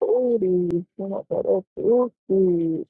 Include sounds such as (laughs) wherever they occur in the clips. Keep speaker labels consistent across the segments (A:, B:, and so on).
A: booty. You know, that old booty.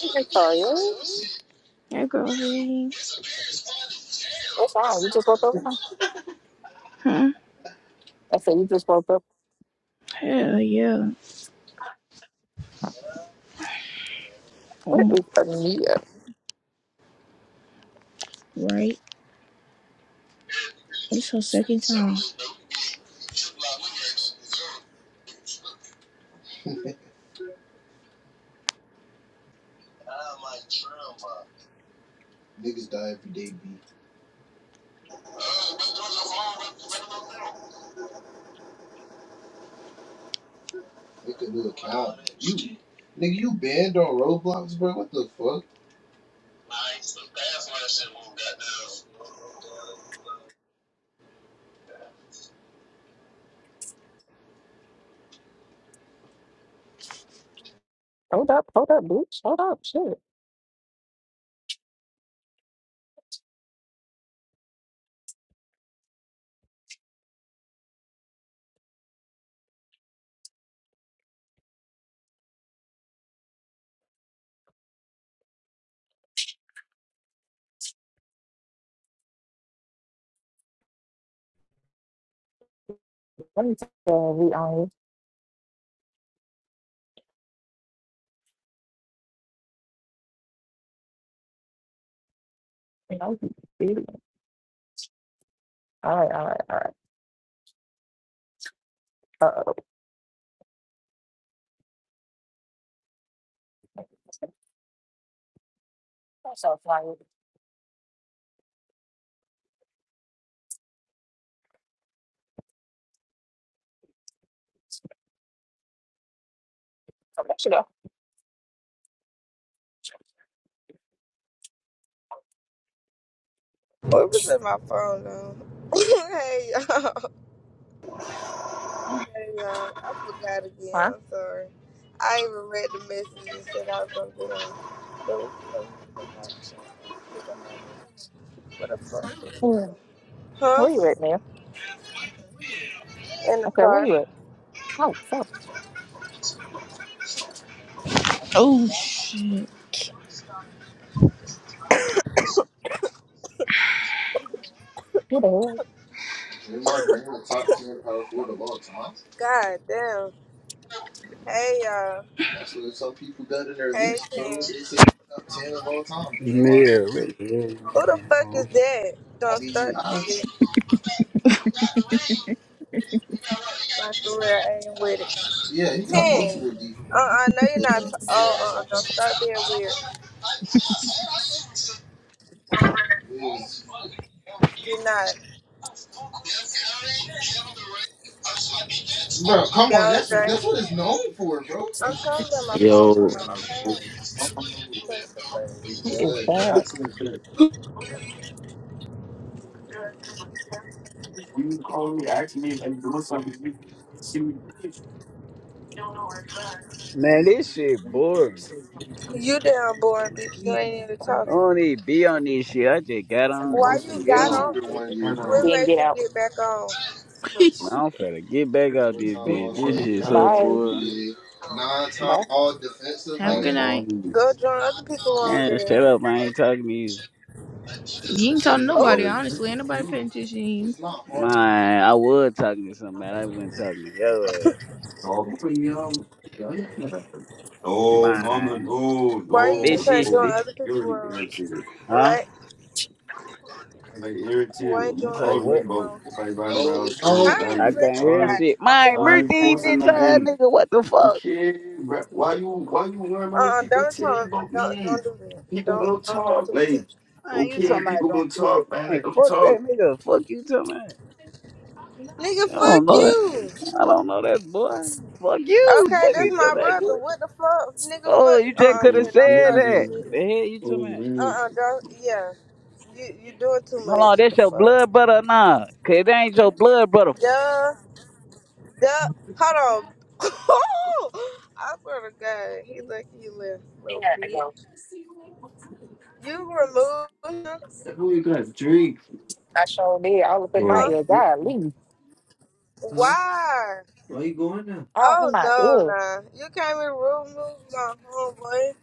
A: Hey, Victoria,
B: That girl really,
A: what's wrong? You just woke up? huh?
B: huh?
A: I said, you just woke up.
B: Hell yeah. Oh
A: What
B: my,
A: is Anita?
B: right? It's her second time. Niggas die every day, B. Look at look. Nigga, you banned on Roblox, bro? What the fuck?
A: Hold up, hold up, bitch. Hold up, shit. Let me tell you, on you You know, you idiot. All right, all right, all right. Uh-oh. That's so funny. Come back, you know.
C: Oh, it was at my phone though. (laughs) hey y'all. Hey y'all. I forgot again. I'm sorry. I even read the message and said I was gonna get on. But we can play music on my phone. now, Cause I'm on this. What the fuck? is
A: Huh?
C: this? Huh?
A: Where you at, man?
C: In the
A: I said, where
C: car.
A: you at? Oh, fuck.
B: Oh shit.
A: Who the hell?
B: Draymond Green, the top 10 power forward of all time.
C: God damn. Hey y'all.
B: That's what some people got in their list,
C: Hey
B: bro. They
C: team.
B: say top 10 of all time, Draymond
D: Yeah,
B: Green.
D: wait,
C: Who the
D: yeah,
C: fuck is
D: bro.
C: that?
B: I
C: Don't
B: mean,
C: start
B: I-
C: that shit. Like for real, I ain't with it.
B: yeah, he got
C: Ten.
B: multiple def
C: Uh, I know you're not.
B: Uh,
C: T- oh, uh, uh, don't start being weird.
B: yeah.
C: Do not. Yo, Dre.
B: what it's known for, bro.
C: I'm trying to let my phone
E: Yo,
C: come on. I'm trying
E: No,
C: to think of it.
A: Who is that?
D: Man, this shit boring.
C: You damn boring bitch. You ain't even
D: I
C: talking.
D: don't even be on this shit. I just got on
B: It
C: Why
D: just
B: was
D: to
C: you
B: the
D: get
C: got
B: field
C: on?
D: on.
B: year one year, bro.
C: What
A: Then
C: made
A: get
C: you
A: out.
C: get back on?
B: (laughs)
D: Man, I'm finna get back out
B: One
D: this
B: time
D: bitch.
B: all star,
D: This
B: two
D: shit
B: time
D: so
B: all
A: Bye.
D: boring.
B: NBA, nine time
A: Bye.
B: all defensive. Have a good nigga. night.
C: Go join other people on
D: Man,
C: there.
D: shut up. I
B: Like,
D: ain't talking to you.
B: You ain't talking to
C: Oh,
B: nobody, honestly. Ain't nobody paying attention to you. it's not hard.
D: Man, I was talking to somebody. I wasn't talking to your ass.
E: mama,
D: Man,
E: no,
C: why you
E: no,
D: bitch,
C: just ain't join
E: no.
D: shitty.
C: other people on?
E: mama,
D: Huh?
C: Right?
E: like irritated.
C: Why ain't
E: You
D: You
C: join
D: say
C: other
E: calling
D: what?
E: me
C: people
E: about
C: on?
E: if I ride
B: No,
E: around
B: no,
E: soon,
C: How many
D: I
E: Gandhi.
C: friends
D: can't
C: you
D: hear
E: I ain't,
D: shit.
C: got? Only
D: My
E: I
C: one
E: ain't
D: Murphy,
C: friend.
E: forcing
D: bitch ass
E: nothing.
D: nigga, what the fuck?
E: Okay, bruh, why you why you worrying
C: Uh,
E: about what
C: uh
E: people
C: don't
E: tell you
C: talk.
E: about
C: Don't
E: me?
C: don't do that.
E: People gonna
C: Don't don't do
E: talk,
C: too
E: like
C: much.
D: Man, you
E: okay,
D: talking about
E: people
D: don't
E: gonna
D: do that.
E: talk, man. Let
D: Man,
E: them
D: fuck that
E: talk.
D: nigga. Fuck you talking about.
C: Nigga,
D: I don't
C: fuck
D: know that.
C: you.
D: I don't know that boy. Fuck you.
C: Okay,
D: Fuck
E: Yeah,
C: that's
D: you too,
C: my
E: like,
D: man.
C: brother.
D: You-
C: What the fuck, nigga?
D: Oh,
C: Fuck.
D: you just
C: Uh, uh
D: could have
C: Ted, don't
D: said
C: start that
D: that.
C: shit.
D: The hell you too, man.
C: Uh-uh, don't. Yeah, you you doing too
D: Hold on,
C: much.
D: that's
C: The
D: your
C: fuck.
D: blood brother or nah? Cause it ain't your blood brother.
C: Duh, duh. Hold on. (laughs) I swear to God, he like he left.
A: He
C: little
A: had to go.
C: bitch. You remove him,
A: I sure did. All up
E: I-
A: in my
C: huh?
E: Mm.
A: ear. God, leave.
C: Why?
E: We going now?
A: All in
C: Oh
A: my
C: no,
A: ear.
C: nah. You can't even remove my homeboy.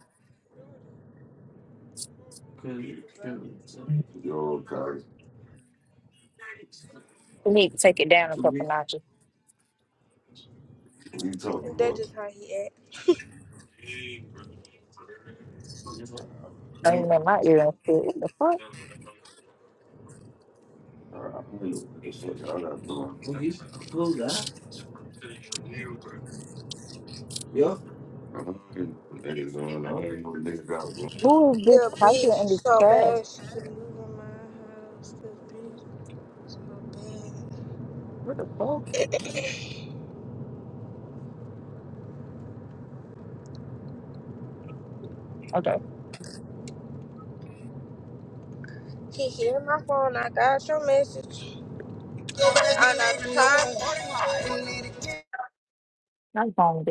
E: Cause, cause, Yo, cause
A: We need to take it down a
E: to me,
A: couple notches.
E: what you talking
C: That
E: about?
C: just how he act.
A: I
E: yeah.
A: mean, in my ear and shit. What the fuck?
E: I don't know what the fuck I all not doing. Well, you should close that. Yo. I ain't know what niggas doing. I ain't know what niggas got
A: Who is
C: He
A: this
C: a
A: typing
C: bitch
A: in this
C: so
A: chat?
C: bad she can move in my house. The bitch so bad.
A: What the fuck? Okay.
C: Kiki, hit my phone. I got your message. I'm not tired.
A: I'm home,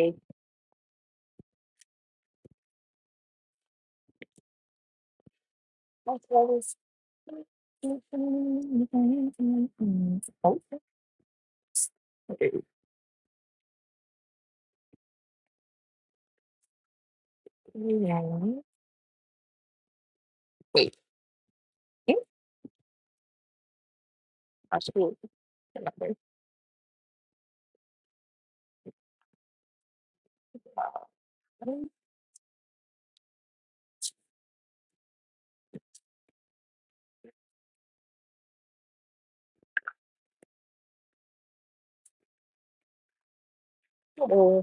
A: That's what it's. Oh, yeah. (laughs) Wait. I should. Oh.